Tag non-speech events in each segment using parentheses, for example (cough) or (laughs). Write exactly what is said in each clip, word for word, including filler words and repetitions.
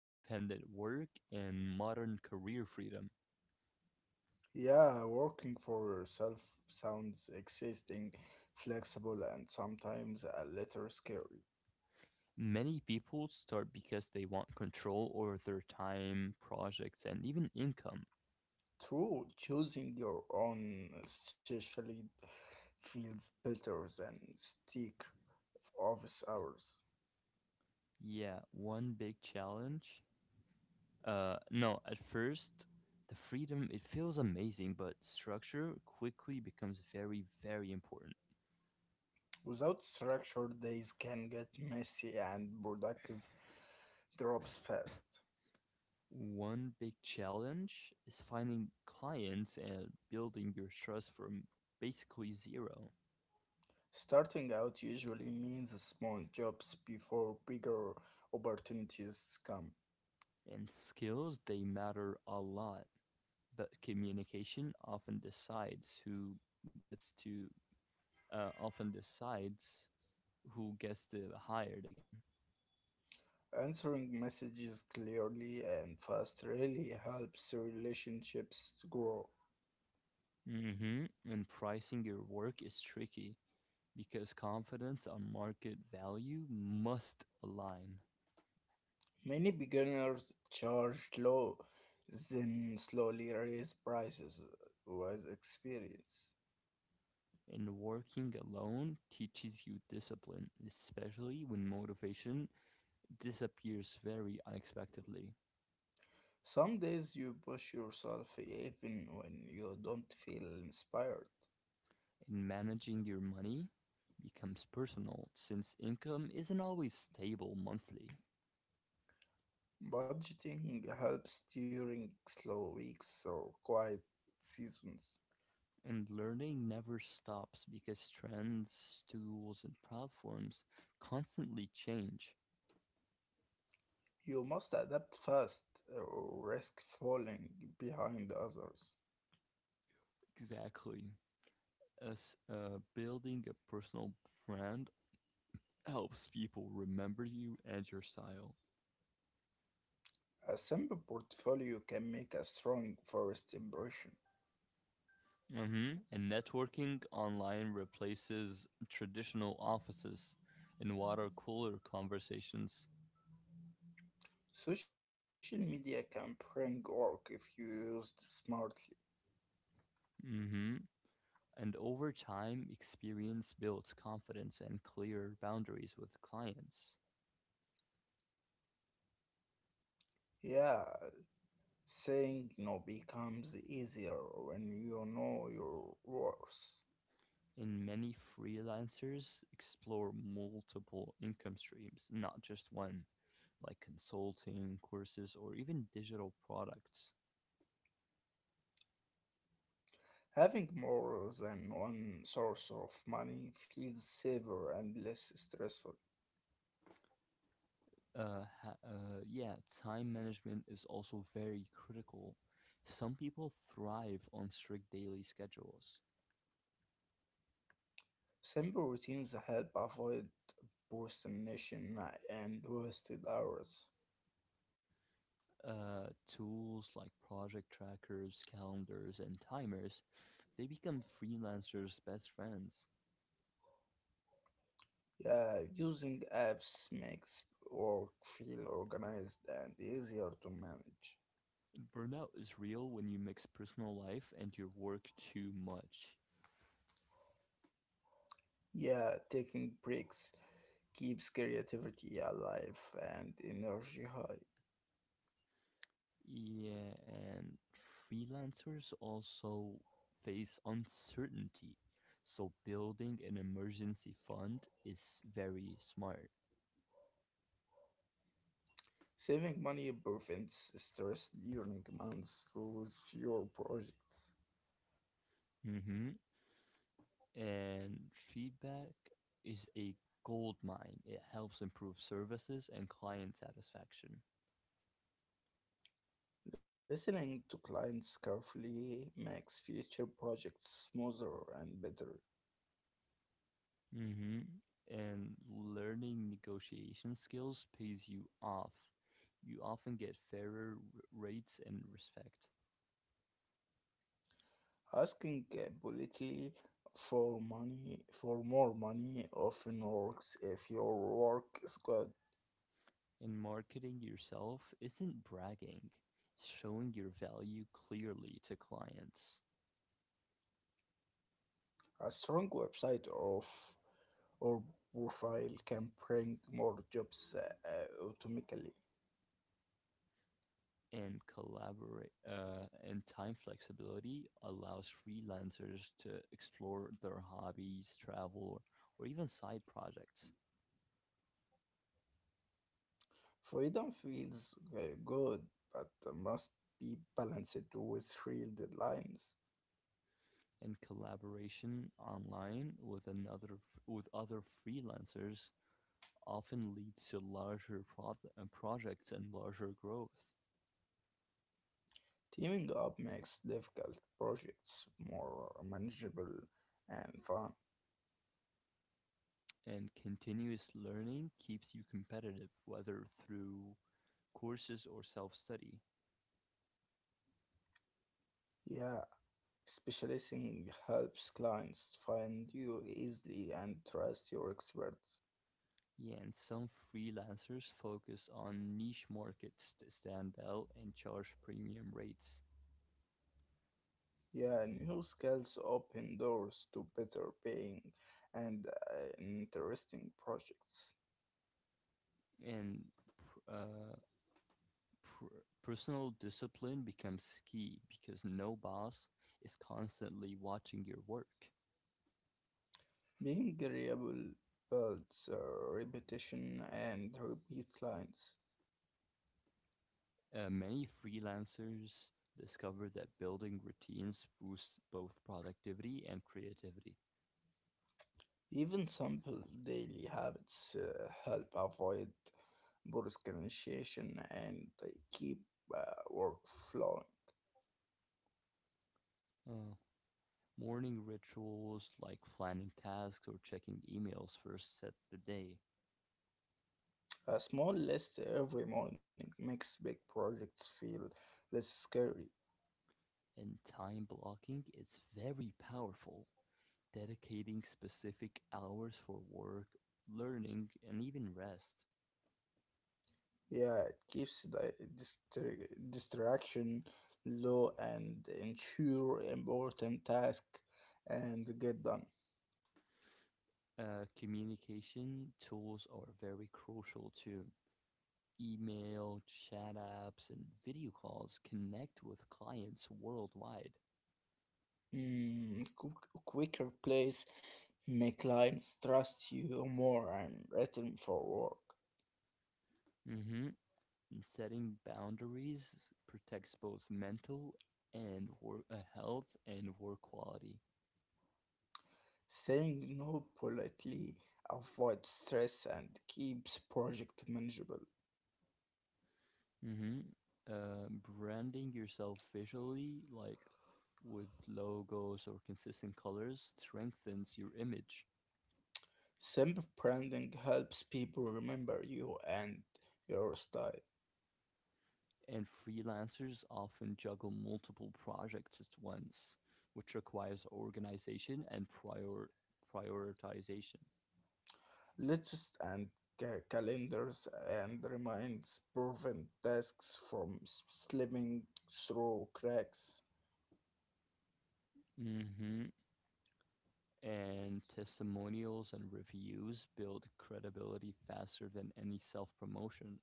independent work and modern career freedom. Yeah, working for yourself sounds exhausting, flexible, and sometimes a little scary. Many people start because they want control over their time, projects, and even income. True, choosing your own specialty feels better than stick office hours. Yeah, one big challenge. Uh, no, At first, the freedom, it feels amazing, but structure quickly becomes very, very important. Without structure, days can get messy and productive drops fast. One big challenge is finding clients and building your trust from basically zero. Starting out usually means small jobs before bigger opportunities come. In skills, they matter a lot, but communication often decides who gets to uh, often decides who gets to hired again. Answering messages clearly and fast really helps relationships to grow. Hmm. And pricing your work is tricky because confidence on market value must align. Many beginners charge low, then slowly raise prices with experience. And working alone teaches you discipline, especially when motivation disappears very unexpectedly. Some days you push yourself even when you don't feel inspired. And managing your money becomes personal since income isn't always stable monthly. Budgeting helps during slow weeks or quiet seasons. And learning never stops because trends, tools, and platforms constantly change. You must adapt fast or risk falling behind others. Exactly. As uh, Building a personal brand helps people remember you and your style. A simple portfolio can make a strong first impression. Hmm. And networking online replaces traditional offices and water cooler conversations. Social media can bring work if used smartly. Mm-hmm. And over time, experience builds confidence and clear boundaries with clients. Yeah, saying no becomes easier when you know your worth. And many freelancers explore multiple income streams, not just one, like consulting, courses, or even digital products. Having more than one source of money feels safer and less stressful. Uh, ha- uh, yeah, time management is also very critical. Some people thrive on strict daily schedules, Simple routines help avoid procrastination and wasted hours. uh, tools like project trackers, calendars, and timers, they become freelancers' best friends. Yeah, using apps makes work feel organized and easier to manage. Burnout is real when you mix personal life and your work too much. Yeah, taking breaks keeps creativity alive and energy high. Yeah, and freelancers also face uncertainty. So building an emergency fund is very smart. Saving money prevents stress during months through fewer projects. Mhm. And feedback is a gold mine. It helps improve services and client satisfaction. Listening to clients carefully makes future projects smoother and better. Hmm. And learning negotiation skills pays you off. You often get fairer r- rates and respect. Asking uh, politely for money for more money often works if your work is good. And marketing yourself isn't bragging, it's showing your value clearly to clients. A strong website of or profile can bring more jobs uh, uh, automatically. and collaborate uh, and time flexibility allows freelancers to explore their hobbies, travel, or even side projects. Freedom feels uh, good, but must be balanced with real deadlines. And collaboration online with another f- with other freelancers often leads to larger pro- uh, projects and larger growth. Teaming up makes difficult projects more manageable and fun. And continuous learning keeps you competitive, whether through courses or self study. Yeah, specializing helps clients find you easily and trust your experts. Yeah, and some freelancers focus on niche markets to stand out and charge premium rates. Yeah, new skills open doors to better paying and uh, interesting projects. And pr- uh, pr- personal discipline becomes key because no boss is constantly watching your work. Being reliable builds uh, repetition and repeat clients. Uh, many freelancers discover that building routines boosts both productivity and creativity. Even simple daily habits uh, help avoid poor initiation and they keep uh, work flowing. Uh, morning rituals like planning tasks or checking emails first set the day. A small list every morning makes big projects feel less scary. And time blocking is very powerful. Dedicating specific hours for work, learning, and even rest. Yeah, it keeps the distra- distraction low and ensure important tasks and get done. Uh, communication tools are very crucial too. Email, chat apps, and video calls connect with clients worldwide. Mm, quick- quicker plays make clients trust you more and return for work. Hmm. And setting boundaries protects both mental and work uh, health and work quality. Saying no politely avoids stress and keeps project manageable. Mm-hmm. Uh, branding yourself visually, like with logos or consistent colors, strengthens your image. Simple branding helps people remember you and your style. And freelancers often juggle multiple projects at once, which requires organization and prior prioritization. Lists and ca- calendars and reminds prevent tasks from s- slipping through cracks. Mm-hmm. And testimonials and reviews build credibility faster than any self promotion.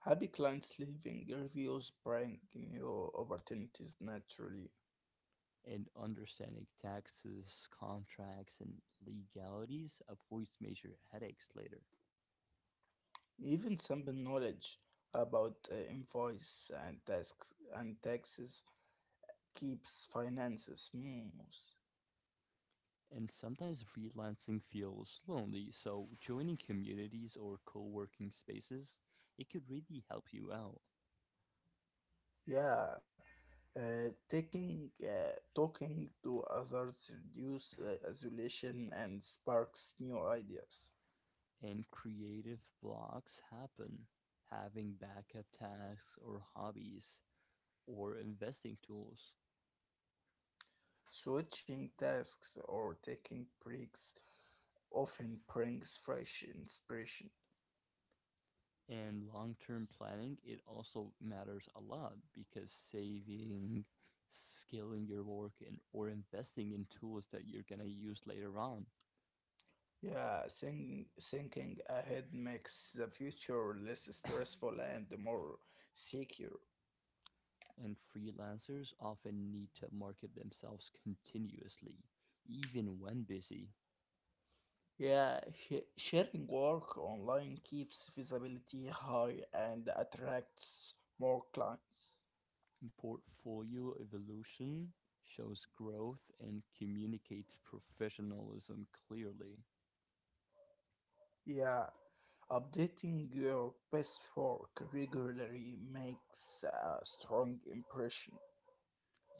Happy clients leaving reviews bring new opportunities naturally. And understanding taxes, contracts, and legalities avoids major headaches later. Even simple knowledge about uh, invoice and tasks and taxes keeps finances smooth. And sometimes freelancing feels lonely, so joining communities or co working spaces, it could really help you out. Yeah, Uh, taking, uh, talking to others reduce uh, isolation and sparks new ideas. And creative blocks happen. Having backup tasks or hobbies or investing tools. Switching tasks or taking breaks often brings fresh inspiration. And long-term planning it also matters a lot because saving scaling your work and or investing in tools that you're going to use later on. Yeah, think, thinking ahead makes the future less stressful and more secure. And freelancers often need to market themselves continuously even when busy. Yeah, sh- sharing work online keeps visibility high and attracts more clients. Portfolio evolution shows growth and communicates professionalism clearly. Yeah, updating your best-work regularly makes a strong impression.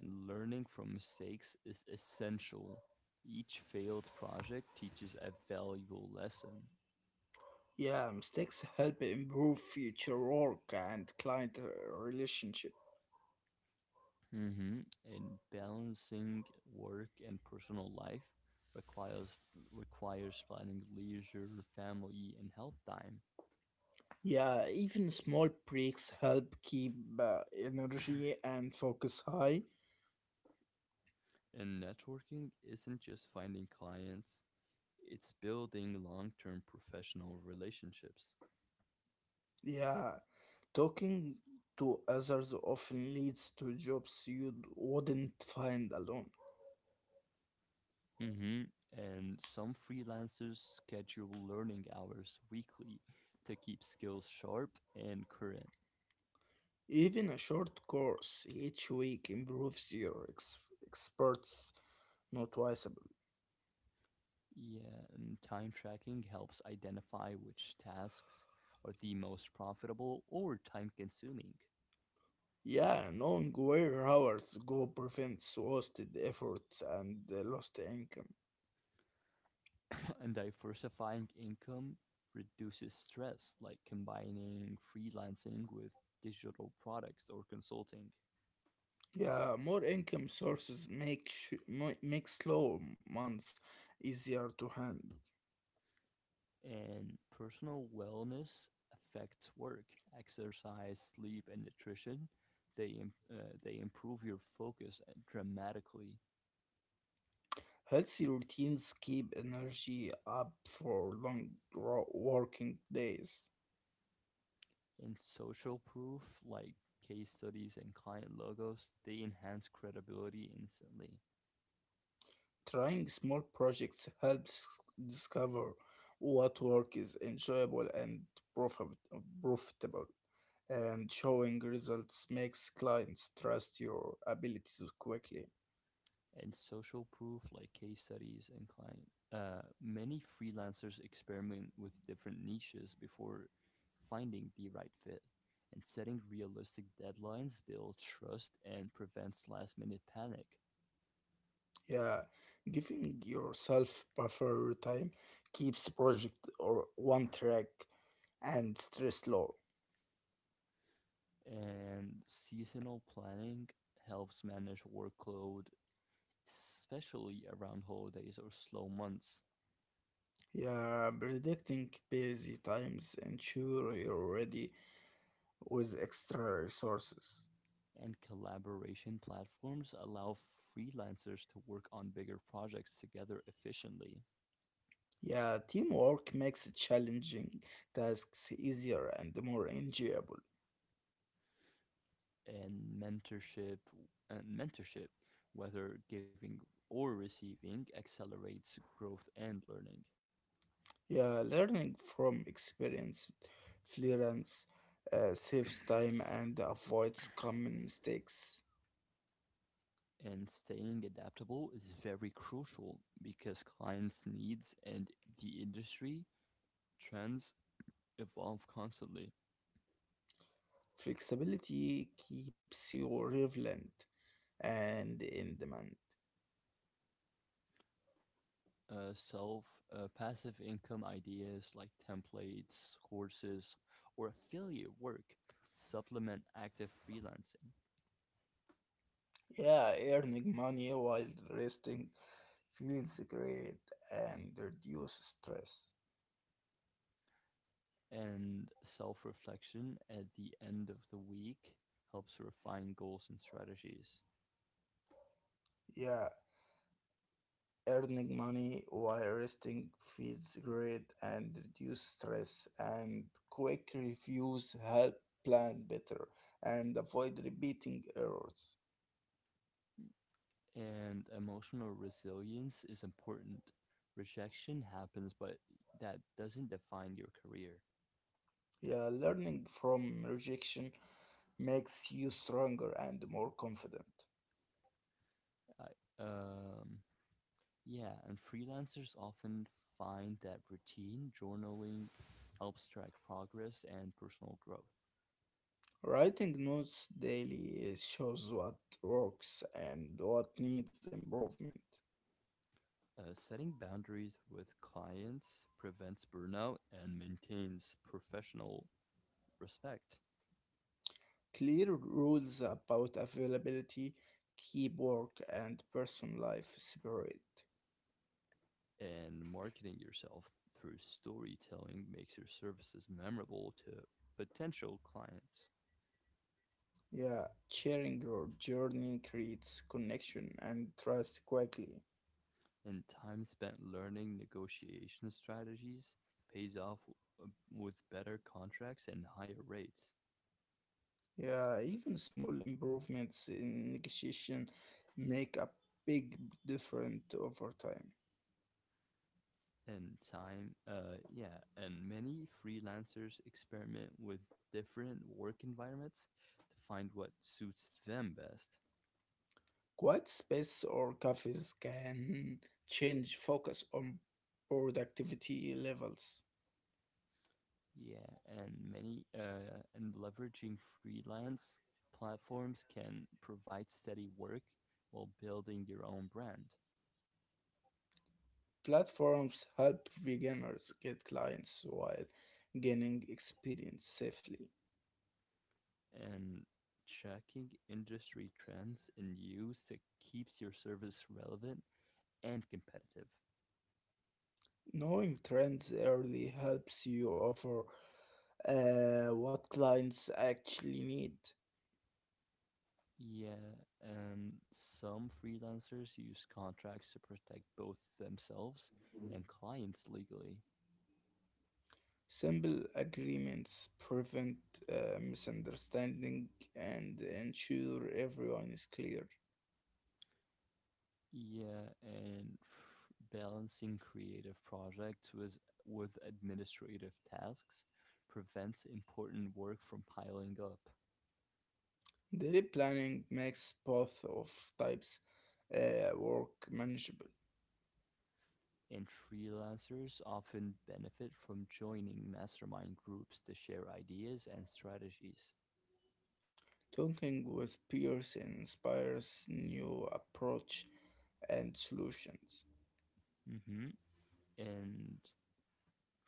And learning from mistakes is essential. Each failed project teaches a valuable lesson. Yeah, mistakes help improve future work and client uh, relationship. Hmm. And balancing work and personal life requires requires planning leisure, family, and health time. Yeah, even small breaks help keep uh, energy and focus high. And networking isn't just finding clients; it's building long-term professional relationships. Yeah, talking to others often leads to jobs you wouldn't find alone. Hmm. And some freelancers schedule learning hours weekly to keep skills sharp and current. Even a short course each week improves your ex- experts noticeably. Yeah, and time tracking helps identify which tasks are the most profitable or time consuming. (laughs) Yeah, knowing where hours go prevents wasted effort and uh, lost income. (clears throat) And diversifying income reduces stress, like combining freelancing with digital products or consulting. Yeah, more income sources make sh- mo- make slow months easier to handle. And personal wellness affects work, exercise, sleep, and nutrition. They, im- uh, they improve your focus uh, dramatically. Healthy routines keep energy up for long ro- working days. And social proof, like case studies and client logos, they enhance credibility instantly. Trying small projects helps discover what work is enjoyable and profit- profitable, and showing results makes clients trust your abilities quickly. And social proof, like case studies and client. Uh, many freelancers experiment with different niches before finding the right fit, and setting realistic deadlines builds trust and prevents last minute panic. Yeah, giving yourself buffer time keeps project or one track and stress low. And seasonal planning helps manage workload, especially around holidays or slow months. Yeah, predicting busy times ensure you're ready with extra resources. And collaboration platforms allow freelancers to work on bigger projects together efficiently. Yeah, teamwork makes challenging tasks easier and more enjoyable. and mentorship and mentorship, whether giving or receiving, accelerates growth and learning. Yeah, learning from experience, fluence, uh, saves time and avoids common mistakes. And staying adaptable is very crucial because clients' needs and the industry trends evolve constantly. Flexibility keeps you relevant and in demand. Uh, self uh, Passive income ideas like templates, courses, or affiliate work supplement active freelancing. Yeah, earning money while resting feels great and reduces stress. And self reflection at the end of the week helps refine goals and strategies. Yeah, earning money while resting feels great and reduce stress and quick reviews help plan better and avoid repeating errors. And emotional resilience is important. Rejection happens, but that doesn't define your career. Yeah, learning from rejection makes you stronger and more confident. I, um, yeah, and freelancers often find that routine journaling helps track progress and personal growth. Writing notes daily shows what works and what needs improvement. Uh, setting boundaries with clients prevents burnout and maintains professional respect. Clear rules about availability, keep work and personal life separate. And marketing yourself through storytelling makes your services memorable to potential clients. Yeah, sharing your journey creates connection and trust quickly. And time spent learning negotiation strategies pays off uh, with better contracts and higher rates. Yeah, even small improvements in negotiation make a big difference over time. And time, uh, yeah, and many freelancers experiment with different work environments to find what suits them best. Quiet space or cafes can change focus on productivity levels. Yeah, and many uh, and leveraging freelance platforms can provide steady work while building your own brand. Platforms help beginners get clients while gaining experience safely. And tracking industry trends and use that keeps your service relevant and competitive. Knowing trends early helps you offer uh, what clients actually need. Yeah, and some freelancers use contracts to protect both themselves and clients legally. Simple agreements prevent uh, misunderstanding and ensure everyone is clear. Yeah, and f- balancing creative projects with with administrative tasks prevents important work from piling up. Daily planning makes both of types uh, work manageable. And freelancers often benefit from joining mastermind groups to share ideas and strategies. Talking with peers inspires new approach and solutions. Hmm. And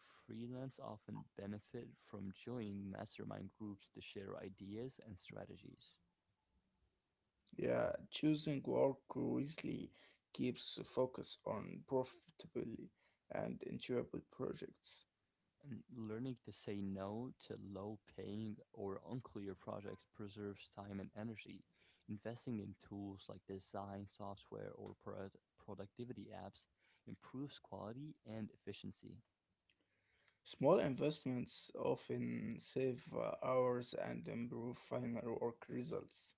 freelance often benefit from joining mastermind groups to share ideas and strategies. Yeah, choosing work wisely keeps the focus on profitable and enjoyable projects. And learning to say no to low paying or unclear projects preserves time and energy. Investing in tools like design software or pro- productivity apps improves quality and efficiency. Small investments often save uh, hours and improve final work results.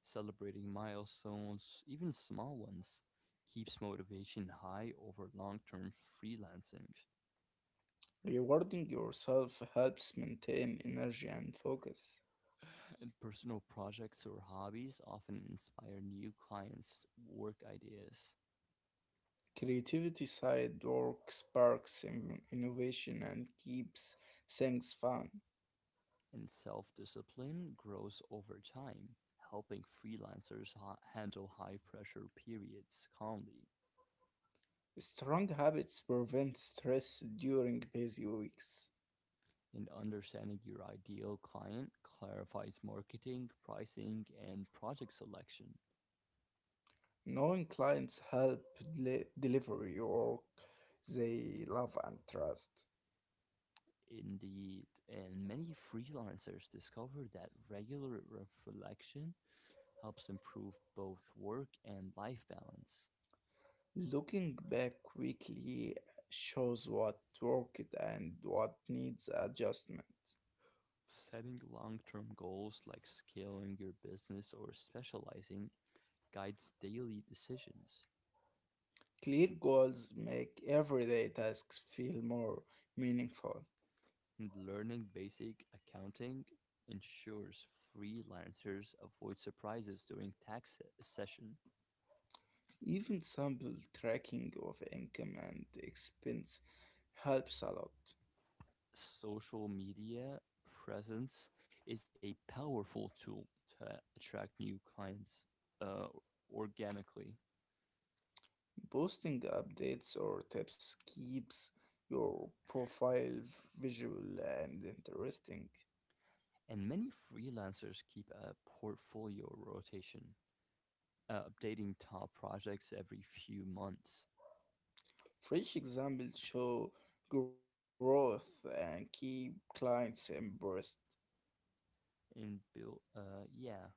Celebrating milestones, even small ones, keeps motivation high over long term freelancing. Rewarding yourself helps maintain energy and focus. And personal projects or hobbies often inspire new clients' work ideas. Creativity side work sparks in- innovation and keeps things fun. And self-discipline grows over time, helping freelancers ha- handle high-pressure periods calmly. Strong habits prevent stress during busy weeks. And understanding your ideal client clarifies marketing, pricing, and project selection. Knowing clients help deli- deliver your work they love and trust. Indeed, and many freelancers discover that regular reflection helps improve both work and life balance. Looking back quickly shows what worked and what needs adjustment. Setting long term goals like scaling your business or specializing guides daily decisions. Clear goals make everyday tasks feel more meaningful. Learning basic accounting ensures freelancers avoid surprises during tax session. Even simple tracking of income and expense helps a lot. Social media presence is a powerful tool to attract new clients uh, organically. Posting updates or tips keeps your profile visual and interesting. And many freelancers keep a portfolio rotation, uh, updating top projects every few months. Fresh examples show growth and keep clients impressed. and build, uh, yeah,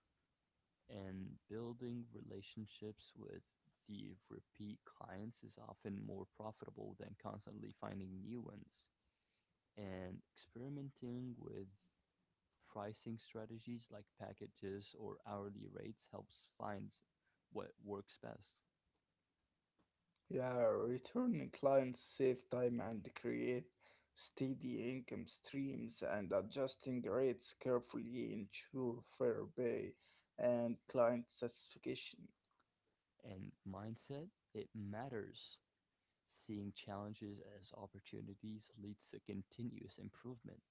and building relationships with the repeat clients is often more profitable than constantly finding new ones. And experimenting with pricing strategies like packages or hourly rates helps find what works best. Yeah, returning clients save time and create steady income streams and adjusting rates carefully ensure fair pay and client satisfaction. And mindset, it matters. Seeing challenges as opportunities leads to continuous improvement.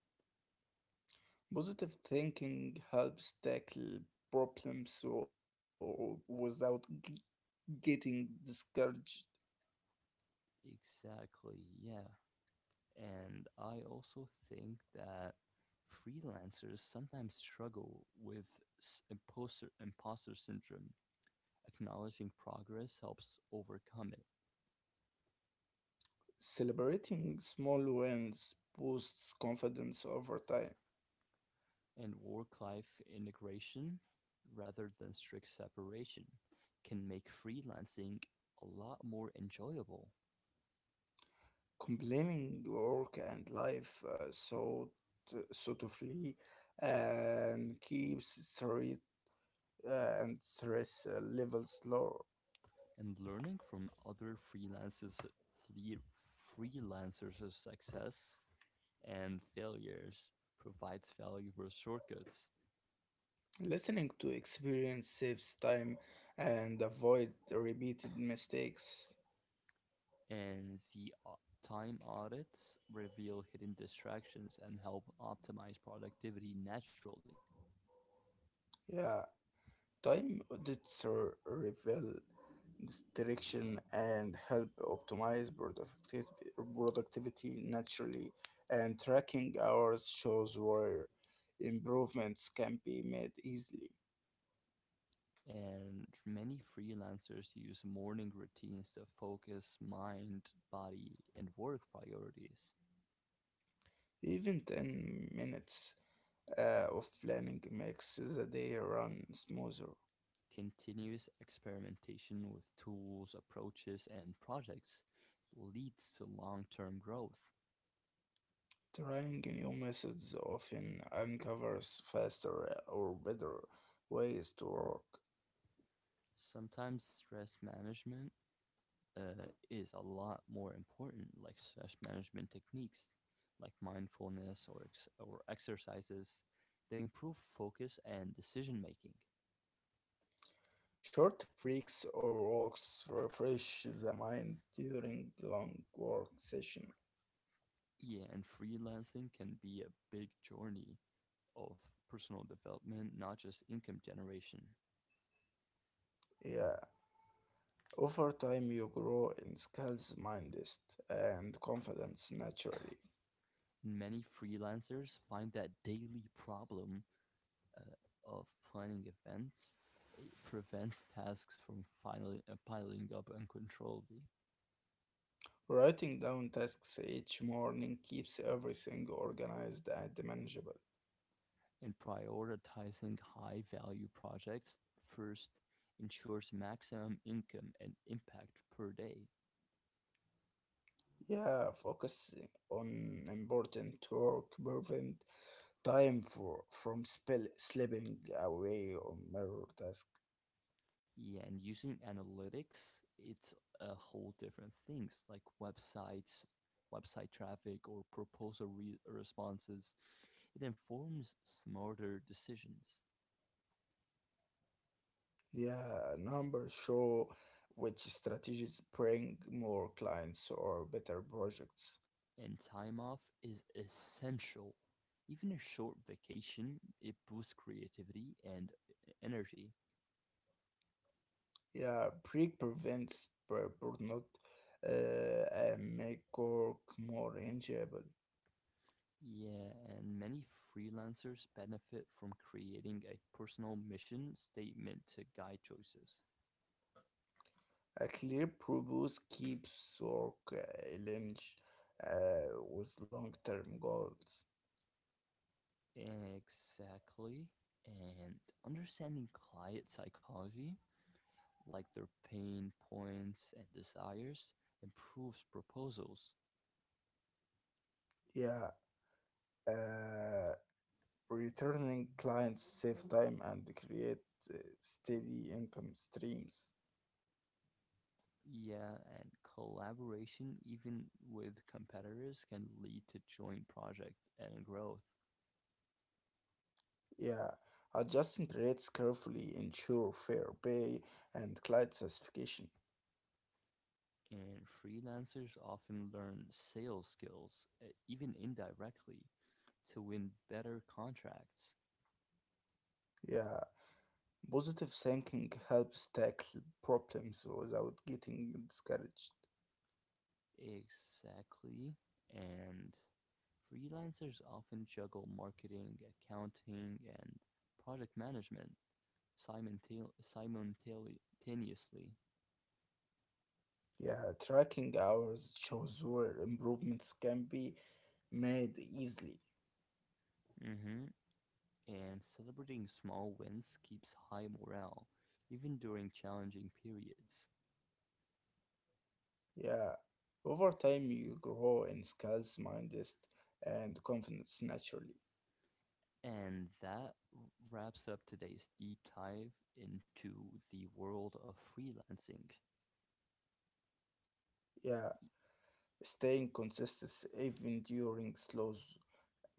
Positive thinking helps tackle problems w- without g- getting discouraged. Exactly, yeah. And I also think that freelancers sometimes struggle with s- imposter, imposter syndrome. Acknowledging progress helps overcome it. Celebrating small wins boosts confidence over time. And work life integration, rather than strict separation, can make freelancing a lot more enjoyable. Complaining work and life uh, so t- suitably and keeps stress uh, and stress uh, levels low. And learning from other freelancers, fle- freelancers' success and failures provides valuable shortcuts. Listening to experience saves time and avoid repeated mistakes. And the au- time audits reveal hidden distractions and help optimize productivity naturally. Yeah, Time audits re- reveal direction and help optimize productivity, productivity naturally, and tracking hours shows where improvements can be made easily. And many freelancers use morning routines to focus mind, body, and work priorities. Even ten minutes uh, of planning makes the day run smoother. Continuous experimentation with tools, approaches, and projects leads to long term growth. Trying new methods often uncovers faster or better ways to work. Sometimes stress management uh, is a lot more important, like stress management techniques, like mindfulness or ex- or exercises. They improve focus and decision making. Short breaks or walks refresh the mind during long work session. Yeah, and freelancing can be a big journey of personal development, not just income generation. Yeah, over time you grow in skills, mindset, and confidence naturally. Many freelancers find that daily problem uh, of planning events it prevents tasks from filing, uh, piling up uncontrollably. Writing down tasks each morning keeps everything organized and manageable. And prioritizing high-value projects first ensures maximum income and impact per day. Yeah, focus on important work prevent time for from spell slipping away on minor tasks. Yeah, and using analytics, it's a whole different things like websites, website traffic, or proposal re- responses. It informs smarter decisions. Yeah, numbers show which strategies bring more clients or better projects. And time off is essential. Even a short vacation, it boosts creativity and e-, energy. Yeah, break prevents bur- burnout uh, and make work more enjoyable. Yeah, and many freelancers benefit from creating a personal mission statement to guide choices. A clear purpose keeps work uh, aligned uh, with long-term goals. Exactly. And understanding client psychology, like their pain points and desires, improves proposals. Yeah, uh, returning clients save time and create uh, steady income streams. Yeah, and collaboration, even with competitors, can lead to joint projects and growth. Yeah, adjusting rates carefully ensure fair pay and client satisfaction. And freelancers often learn sales skills, uh, even indirectly, to win better contracts. Yeah, positive thinking helps tackle problems without getting discouraged. Exactly. And freelancers often juggle marketing, accounting, and project management simultane- simultaneously. Yeah, tracking hours shows where improvements can be made easily. Hmm. And celebrating small wins keeps high morale, even during challenging periods. Yeah, over time you grow in skills, mindset, and confidence naturally. And that wraps up today's deep dive into the world of freelancing. Yeah, staying consistent even during slow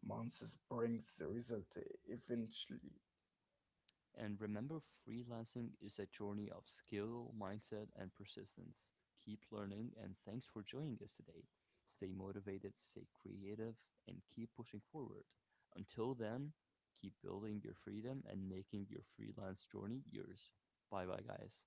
months brings the result eventually. And remember, freelancing is a journey of skill, mindset, and persistence. Keep learning, and thanks for joining us today. Stay motivated, stay creative, and keep pushing forward. Until then, keep building your freedom and making your freelance journey yours. Bye bye, guys.